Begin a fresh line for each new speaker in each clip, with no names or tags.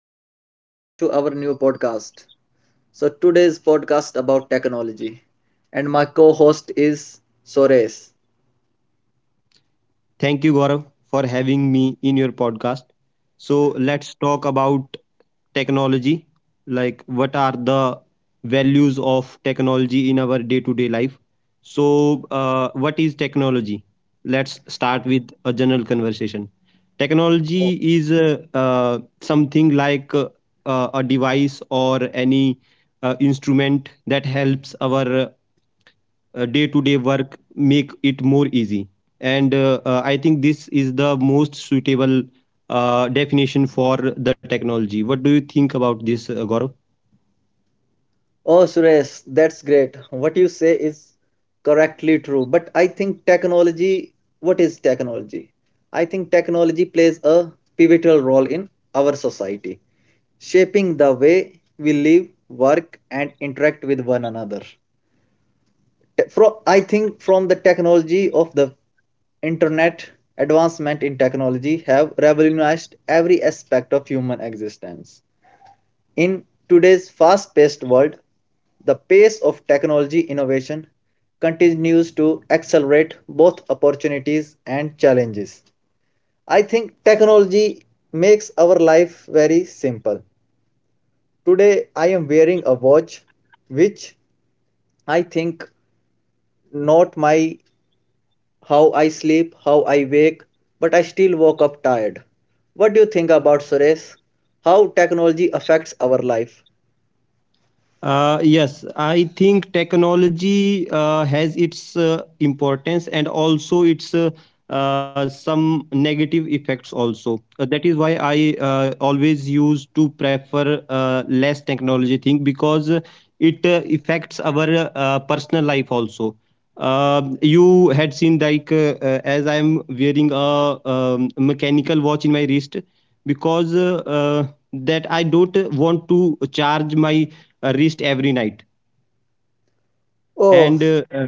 guys, welcome to our new podcast. So today's podcast about technology and my co-host is Suresh.
Thank you, Gaurav, for having me in your podcast. So, let's talk about technology, like what are the values of technology in our day to day life. So, what is technology? Let's start with a general conversation. Technology
Oh
is something like a device or any instrument that helps our day to day work, make it more easy, and I think this is the most suitable definition for the technology. What do you think about this, gaurav?
Suresh, that's great. What you say is correctly true, but I think technology what is technology? I think technology plays a pivotal role in our society, shaping the way we live, work and interact with one another. From I think from the technology of the internet, advancement in technology have revolutionized every aspect of human existence. In today's fast-paced world, the pace of technology innovation continues to accelerate both opportunities and challenges. I think technology makes our life very simple. Today I am wearing a watch which, I think, not my, how I sleep, how I wake, but I still woke up tired. What do you think about, Suresh? How technology affects our life?
Yes, I think technology has its importance and also its some negative effects also. That is why I always used to prefer less technology thing, because it affects our personal life also. You had seen, like as I am wearing a mechanical watch in my wrist, because that I don't want to charge my reached every night.
Oh,
And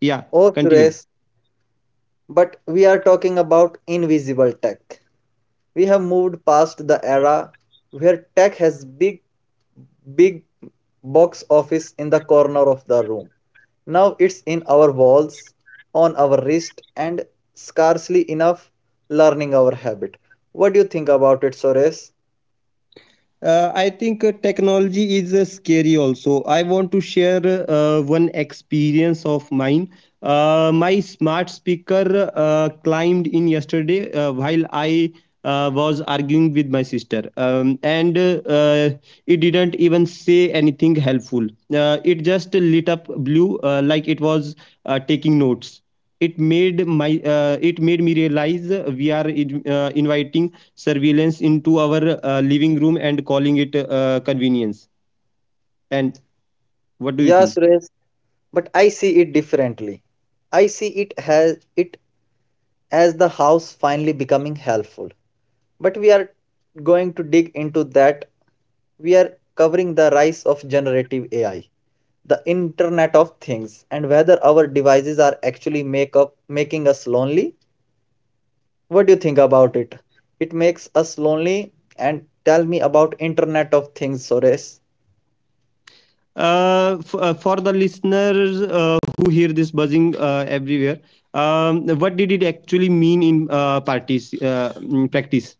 yeah,
oh
continue.
Suresh, but we are talking about invisible tech. We have moved past the era where tech has big box office in the corner of the room. Now it's in our walls, on our wrist, and scarcely enough learning our habit. What do you think about it, Suresh?
I think technology is scary also. I want to share one experience of mine. My smart speaker climbed in yesterday, while I was arguing with my sister, and it didn't even say anything helpful. It just lit up blue, like it was taking notes. It made me realize, we are in, inviting surveillance into our living room and calling it convenience. And what do you
Yeah,
think?
Suresh, but I see it differently. I see it as the house finally becoming helpful. But we are going to dig into that. We are covering the rise of generative AI, the Internet of Things, and whether our devices are actually make up making us lonely. What do you think about it? It makes us lonely. And tell me about Internet of Things, Suresh.
For the listeners who hear this buzzing everywhere, what did it actually mean in parties in practice?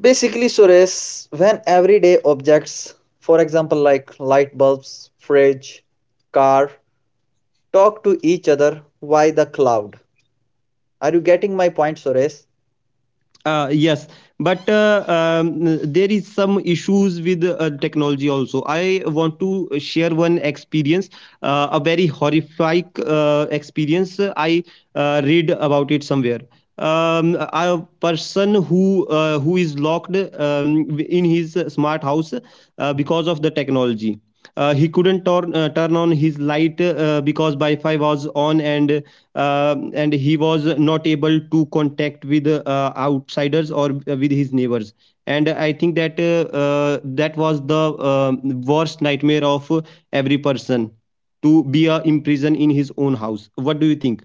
Basically, Suresh, when everyday objects, for example, like light bulbs, fridge, car, talk to each other via the cloud? Are you getting my point, Suresh?
Yes, but there is some issues with technology also. I want to share one experience, a very horrific experience. I read about it somewhere. A person who is locked in his smart house, because of the technology. He couldn't turn on his light, because Wi-Fi was on, and he was not able to contact with outsiders or with his neighbors. And I think that that was the um worst nightmare of every person, to be imprisoned in his own house. What do you think?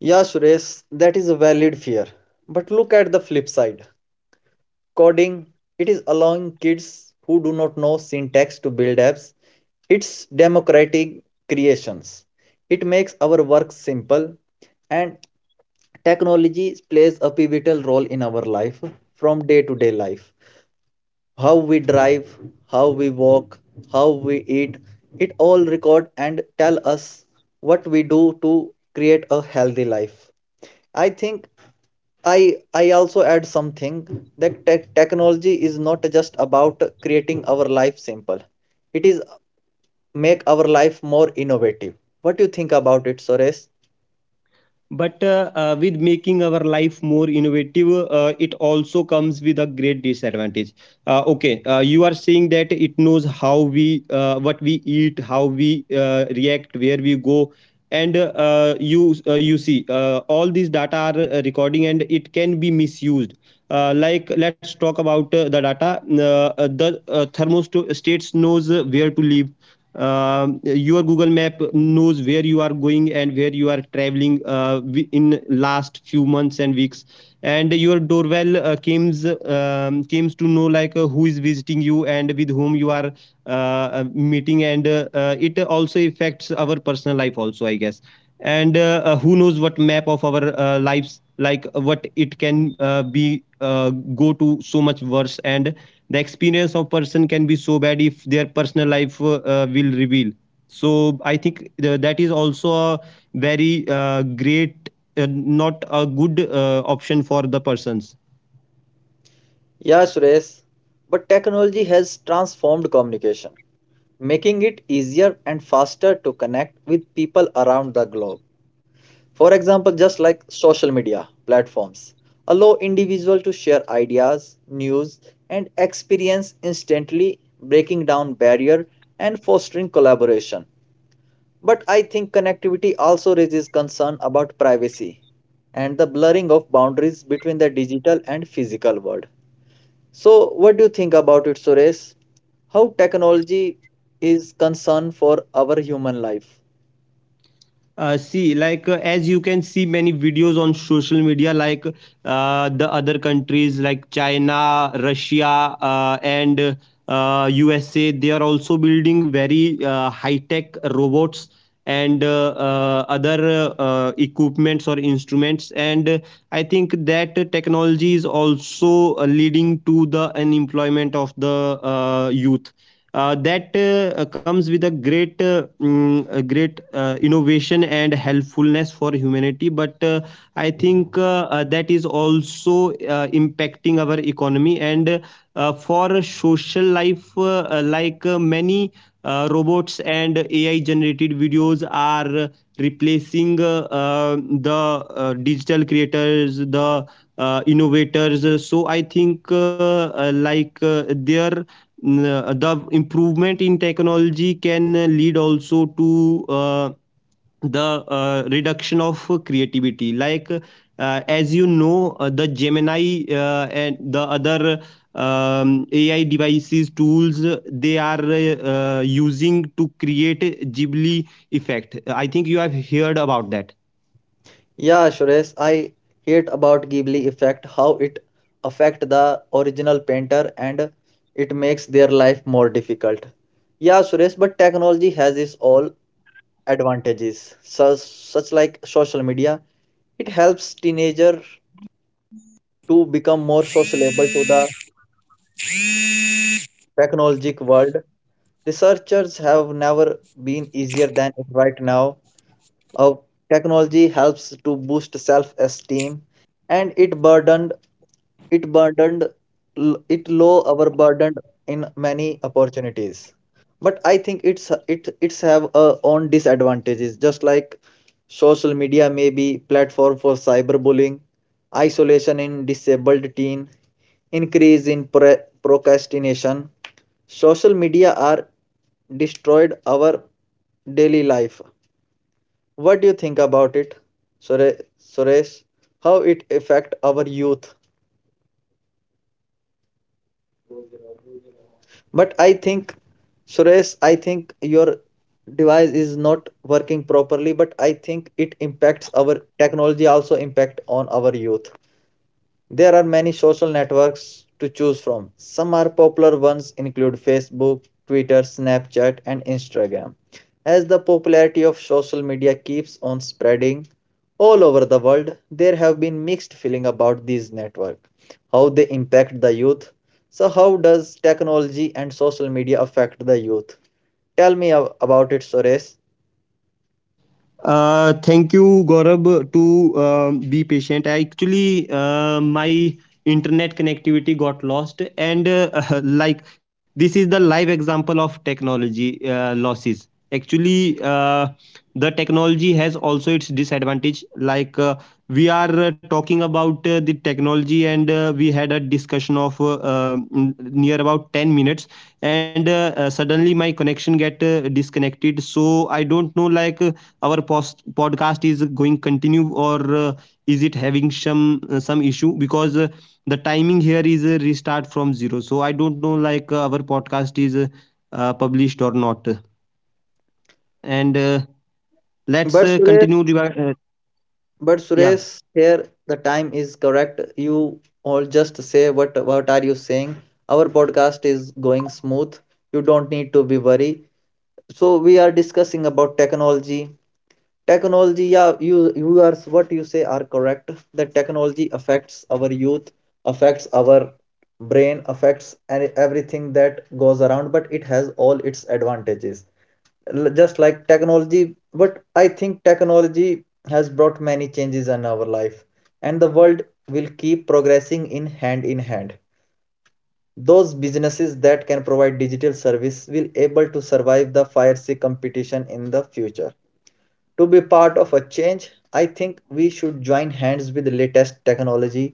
Yeah, Suresh, that is a valid fear. But look at the flip side. Coding, it is allowing kids who do not know syntax to build apps. It's democratic creations. It makes our work simple, and technology plays a pivotal role in our life from day to day life. How we drive, how we walk, how we eat, it all record and tell us what we do to create a healthy life. I think I also add something that technology is not just about creating our life simple. It is make our life more innovative. What do you think about it, Suresh?
But with making our life more innovative, it also comes with a great disadvantage. Okay, you are saying that it knows how we what we eat, how we react, where we go. And you see, all these data are recording, and it can be misused. Like, let's talk about the data, thermostates knows where to live. Your google map knows where you are going and where you are traveling, in last few months and weeks. And your doorbell comes to know, like who is visiting you and with whom you are meeting. And it also affects our personal life also, I guess. And who knows what map of our lives, like what it can be go to, so much worse. And the experience of person can be so bad if their personal life will reveal. So I think that is also a very great not a good option for the persons.
Yeah, Suresh. But technology has transformed communication, making it easier and faster to connect with people around the globe. For example, just like social media platforms allow individuals to share ideas, news, and experience instantly, breaking down barrier and fostering collaboration. But I think connectivity also raises concern about privacy and the blurring of boundaries between the digital and physical world. So, what do you think about it, Suresh? How technology is concern for our human life?
See, like as you can see many videos on social media, like the other countries like China, Russia, and USA, they are also building very high-tech robots, and other equipments or instruments. And I think that technology is also leading to the unemployment of the youth. That comes with a great a great innovation and helpfulness for humanity, but I think that is also impacting our economy, and for social life, many robots and ai generated videos are replacing the digital creators, the innovators. So I think their the improvement in technology can lead also to the reduction of creativity. Like as you know, the gemini and the other ai devices tools, they are using to create a ghibli effect. I think you have heard about that.
Yeah, Suresh, I hate about Ghibli effect, how it affect the original painter and it makes their life more difficult. Yeah, Suresh, but technology has its all advantages, such like social media. It helps teenager to become more sociable to the technologic world. Researchers have never been easier than it right now. Uh, Technology helps to boost self-esteem, and it burdened it low our burdened in many opportunities. But I think it's have own disadvantages, just like social media may be platform for cyberbullying, isolation in disabled teen, increase in procrastination. Social media are destroyed our daily life. What do you think about it, Sure-
Boluvar bunlara
Suresh?
una mira,
How
la gran
it
gira que
affect
me ha.
our youth? But I think, Suresh, I think your device is not working properly. But I think it impacts our technology, also impact on our youth. There are many social networks to choose from. Some are popular ones include Facebook, Twitter, Snapchat, and Instagram. As the popularity of social media keeps on spreading all over the world, there have been mixed feeling about these networks, how they impact the youth. So how does technology and social media affect the youth? Tell me about it, Suresh.
Thank you, Gaurab, to be patient. I actually, my internet connectivity got lost, and like this is the live example of technology losses. Actually, the technology has also its disadvantage. Like we are talking about the technology, and we had a discussion of near about 10 minutes, and suddenly my connection get disconnected. So I don't know, like our post, podcast is going continue or is it having some issue? Because the timing here is a restart from zero, so I don't know, like our podcast is published or not. And let's
But
continue
Suresh, But
yeah.
Suresh, here the time is correct. You all just say what are you saying? Our podcast is going smooth. You don't need to be worried. So we are discussing about technology. Technology, yeah, you are what you say are correct. That technology affects our youth, affects our brain, affects everything that goes around. But it has all its advantages just like technology but I think technology has brought many changes in our life, and the world will keep progressing in hand in hand. Those businesses that can provide digital service will able to survive the fierce competition in the future. To be part of a change, I think we should join hands with the latest technology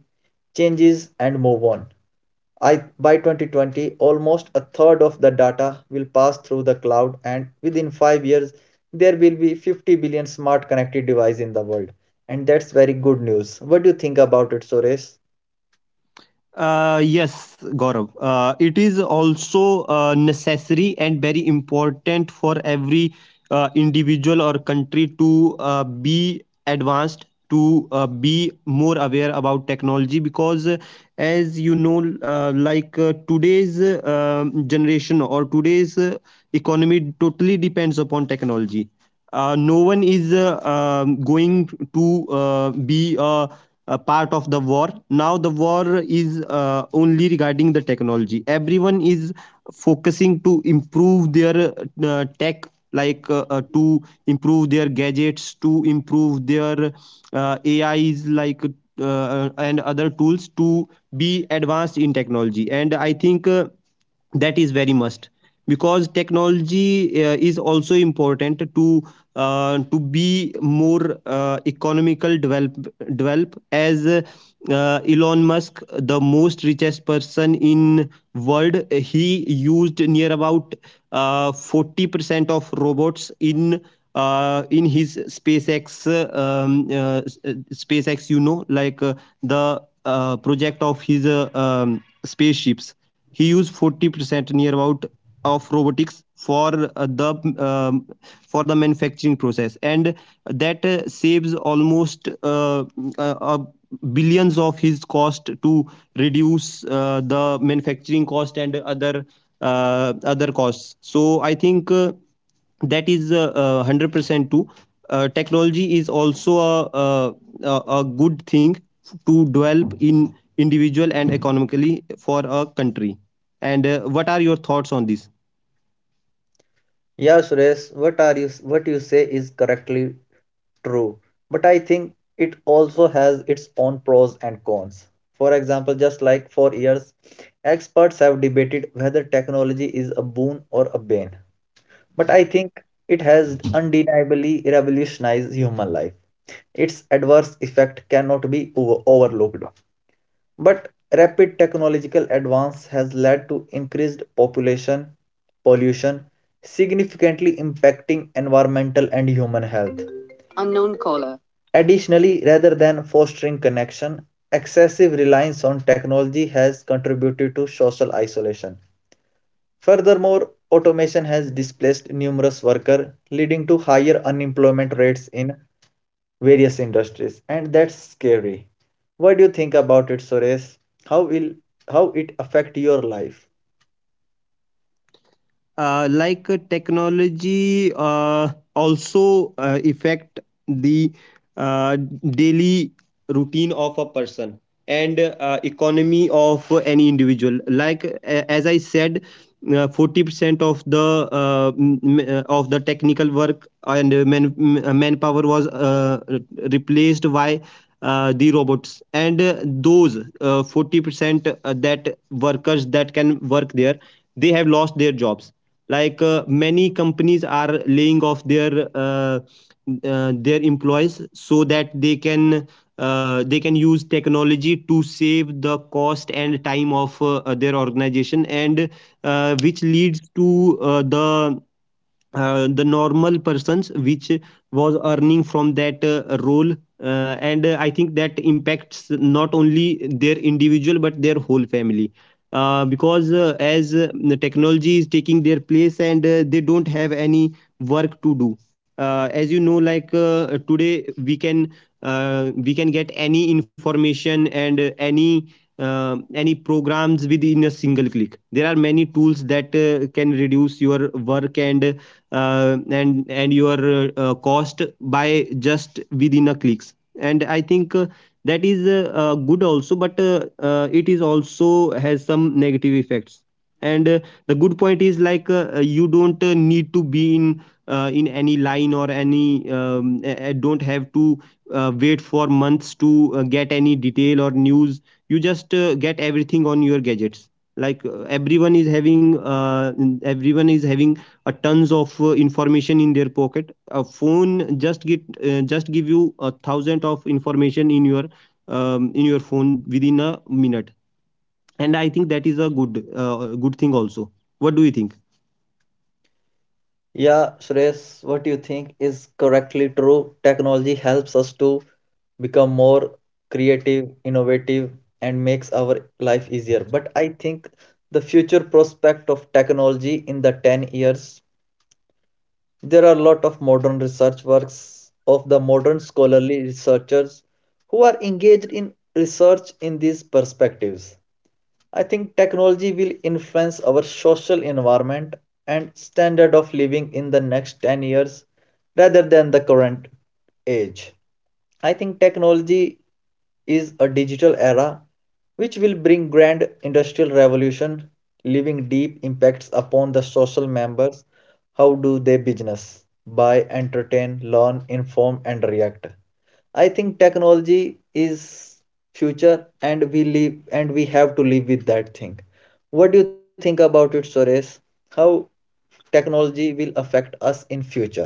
changes and move on. By 2020, almost a third of the data will pass through the cloud, and within 5 years, there will be 50 billion smart connected devices in the world. And that's very good news. What do you think about it, Suresh?
Yes, Gaurav. It is also necessary and very important for every individual or country to be advanced, to be more aware about technology, because as you know, like today's generation or today's economy totally depends upon technology. No one is going to be a part of the war. Now the war is only regarding the technology. Everyone is focusing to improve their tech, like to improve their gadgets, to improve their ais, like and other tools, to be advanced in technology. And I think that is very must, because technology is also important to be more economical develop. As Elon Musk, the most richest person in world, he used near about 40% of robots in his SpaceX, SpaceX, you know, like the project of his spaceships. He used 40% near about of robotics for the um, for the manufacturing process, and that saves almost uh, billions of his cost, to reduce the manufacturing cost and other other costs. So I think that is 100% true. Technology is also a, a good thing to develop in individual and economically for a country. And what are your thoughts on this?
Yeah, Suresh, what are you, what you say is correctly true, but I think it also has its own pros and cons. For example, just like for years, experts have debated whether technology is a boon or a bane. But I think it has undeniably revolutionized human life. Its adverse effect cannot be overlooked. But rapid technological advance has led to increased population pollution, significantly impacting environmental and human health. Unknown caller. Additionally, rather than fostering connection, excessive reliance on technology has contributed to social isolation. Furthermore, automation has displaced numerous workers, leading to higher unemployment rates in various industries, and that's scary. What do you think about it, Suresh? How will, how it affect your life?
Technology also affect the uh, daily routine of a person, and economy of any individual. Like as I said, 40% of the of the technical work, and manpower was replaced by the robots, and those 40% that workers that can work there, they have lost their jobs. Like many companies are laying off their employees, so that they can use technology to save the cost and time of their organization. And which leads to the normal persons which was earning from that role, and I think that impacts not only their individual but their whole family, because as the technology is taking their place, and they don't have any work to do. As you know, like today we can get any information and any programs within a single click. There are many tools that can reduce your work and and your cost by just within a clicks. And I think that is good also, but it is also has some negative effects. And the good point is, like you don't need to be in any line, or any don't have to wait for months to get any detail or news. You just get everything on your gadgets. Like everyone is having a tons of information in their pocket. A phone just get just give you 1,000 of information in your phone within a minute. And I think that is a good, good thing also. What do you think?
Yeah, Suresh, what you think is correctly true. Technology helps us to become more creative, innovative, and makes our life easier. But I think the future prospect of technology in the 10 years, there are a lot of modern research works of the modern scholarly researchers who are engaged in research in these perspectives. I think technology will influence our social environment and standard of living in the next 10 years rather than the current age. I think technology is a digital era which will bring grand industrial revolution, leaving deep impacts upon the social members, how do they business, buy, entertain, learn, inform and react. I think technology is future, and we live, and we have to live with that thing. What do you think about it, Suresh? How technology will affect us in future?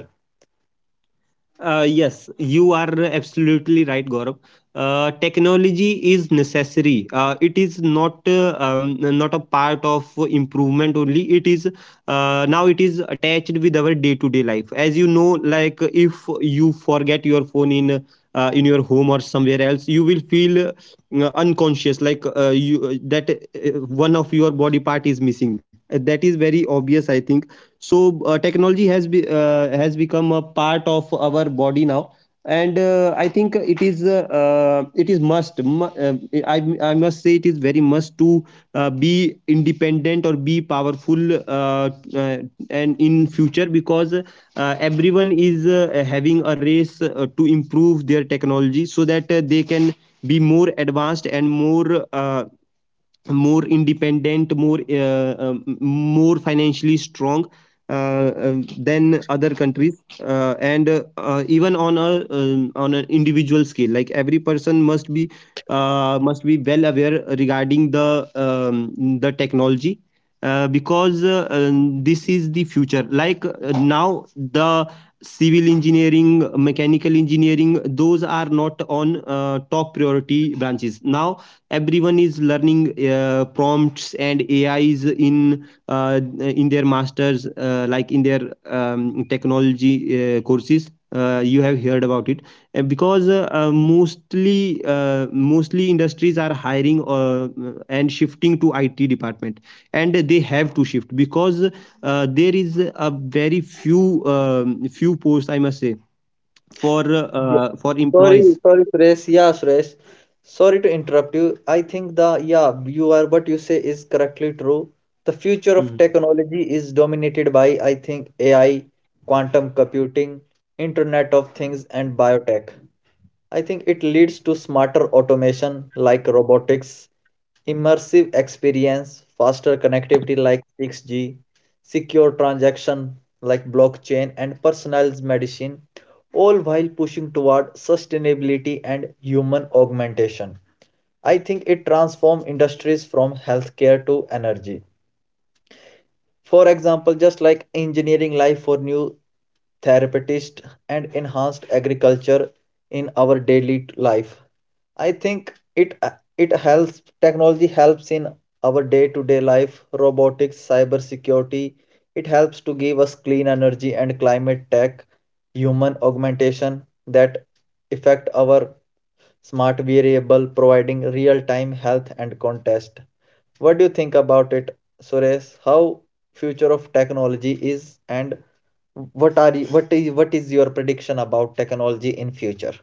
Yes, you are absolutely right, Gaurav. Technology is necessary. It is not not a part of improvement only. It is now it is attached with our day to day life. As you know, like if you forget your phone in your home or somewhere else, you will feel unconscious. Like you that one of your body part is missing. That is very obvious, I think so technology has has become a part of our body now and I think it is I must say it is very must to be independent or be powerful uh, and in future because everyone is having a race to improve their technology so that they can be more advanced and more more independent, more more financially strong than other countries, and even on a on an individual scale, like every person must be well aware regarding the technology because this is the future, like now the civil engineering, mechanical engineering, those are not on top priority branches now. Everyone is learning prompts and ais in their masters, like in their technology courses. You have heard about it. Because mostly mostly industries are hiring and shifting to it department, and they have to shift because there is a very few few posts, I must say, for
Sorry,
employees.
sorry, Suresh. Yeah, Suresh. Sorry to interrupt you. I think the, yeah, you are what you say is correctly true. The future of technology is dominated by, I think, AI, quantum computing, Internet of Things, and biotech. I think it leads to smarter automation like robotics, immersive experience, faster connectivity like 6G, secure transaction like blockchain, and personalized medicine, all while pushing toward sustainability and human augmentation. I think it transforms industries from healthcare to energy. For example, just like engineering life for new therapeutics and enhanced agriculture in our daily life. I think it helps, technology helps in our day-to-day life, robotics, cyber security. It helps to give us clean energy and climate tech, human augmentation that affect our smart variable providing real-time health and context. What do you think about it, Suresh? How future of technology is, and what are you, what is your prediction about technology in future?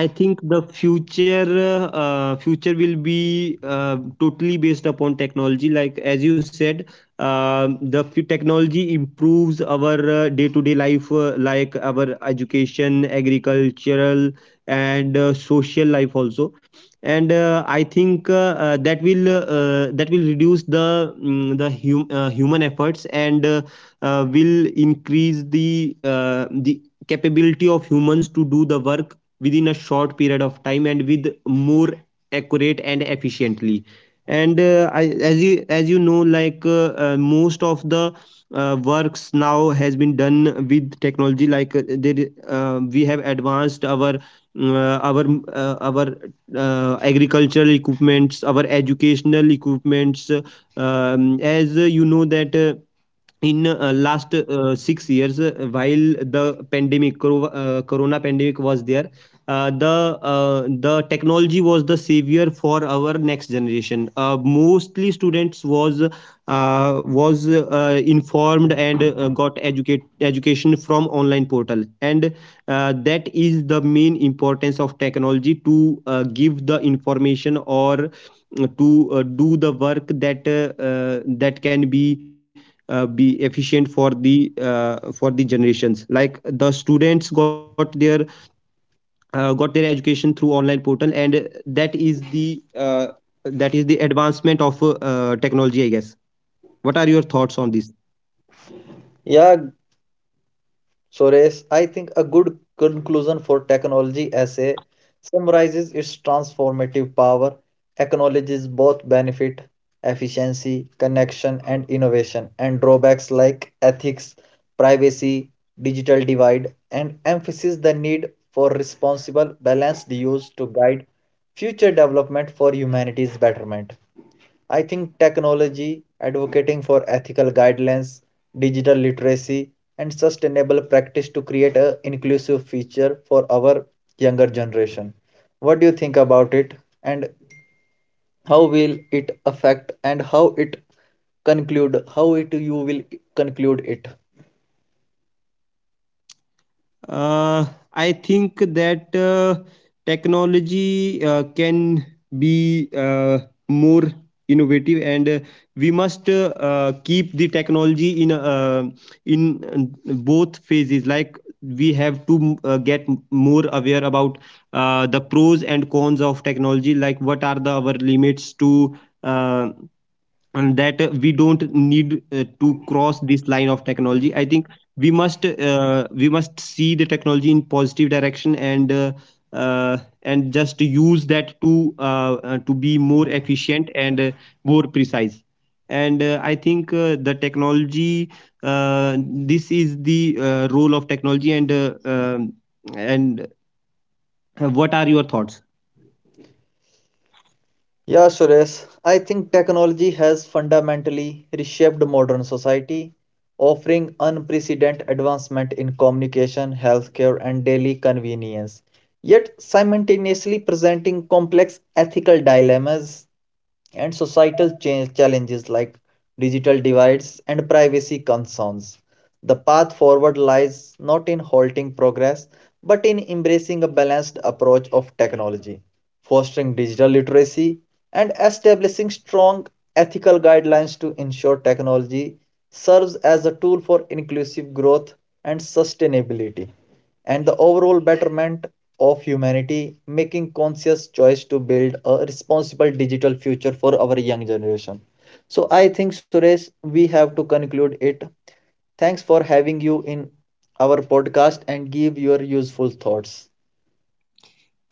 I think the future future will be totally based upon technology. Like as you said, the technology improves our day to day life, like our education, agricultural, and social life also. And I think that will reduce the the human efforts and will increase the capability of humans to do the work within a short period of time and with more accurate and efficiently. And as you know, like most of the works now has been done with technology, like there we have advanced our agricultural equipments, our educational equipments. As you know that in last 6 years while the pandemic corona pandemic was there, the technology was the savior for our next generation. Mostly students was informed and got educate education from online portal, and that is the main importance of technology, to give the information or to do the work that that can be efficient for the generations, like the students got their education through online portal. And that is the uh, that is the advancement of technology, I guess. What are your thoughts on this?
Yeah, so, Reis, I think a good conclusion for technology essay summarizes its transformative power, acknowledges both benefit, efficiency, connection, and innovation, and drawbacks like ethics, privacy, digital divide, and emphasizes the need for responsible, balanced use to guide future development for humanity's betterment. I think technology, advocating for ethical guidelines, digital literacy, and sustainable practice to create an inclusive future for our younger generation. What do you think about it? And how will it affect, and how it conclude? How it you will conclude it?
Uh, I think that technology can be more innovative, and we must keep the technology in both phases. Like we have to get more aware about the pros and cons of technology. Like, what are the our limits to uh, and that we don't need to cross this line of technology. I think we must see the technology in positive direction, uh, and just use that to be more efficient and more precise. And I think the technology uh, this is the role of technology. And and what are your thoughts?
Yeah, Suresh, I think technology has fundamentally reshaped modern society, offering unprecedented advancement in communication, healthcare, and daily convenience, yet simultaneously presenting complex ethical dilemmas and societal change challenges like digital divides and privacy concerns. The path forward lies not in halting progress, but in embracing a balanced approach of technology, fostering digital literacy, and establishing strong ethical guidelines to ensure technology serves as a tool for inclusive growth and sustainability and the overall betterment of humanity, making conscious choice to build a responsible digital future for our young generation. So I think Suresh, we have to conclude it. Thanks for having you in our podcast and give your useful thoughts.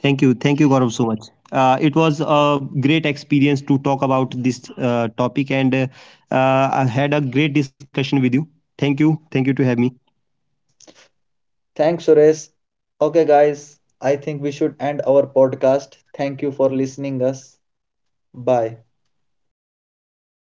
Thank you. Thank you, Gaurav, so much. It was a great experience to talk about this topic, and I had a great discussion with you. Thank you. Thank you to have me.
Thanks, Suresh. Okay, guys, I think we should end our podcast. Thank you for listening us. Bye.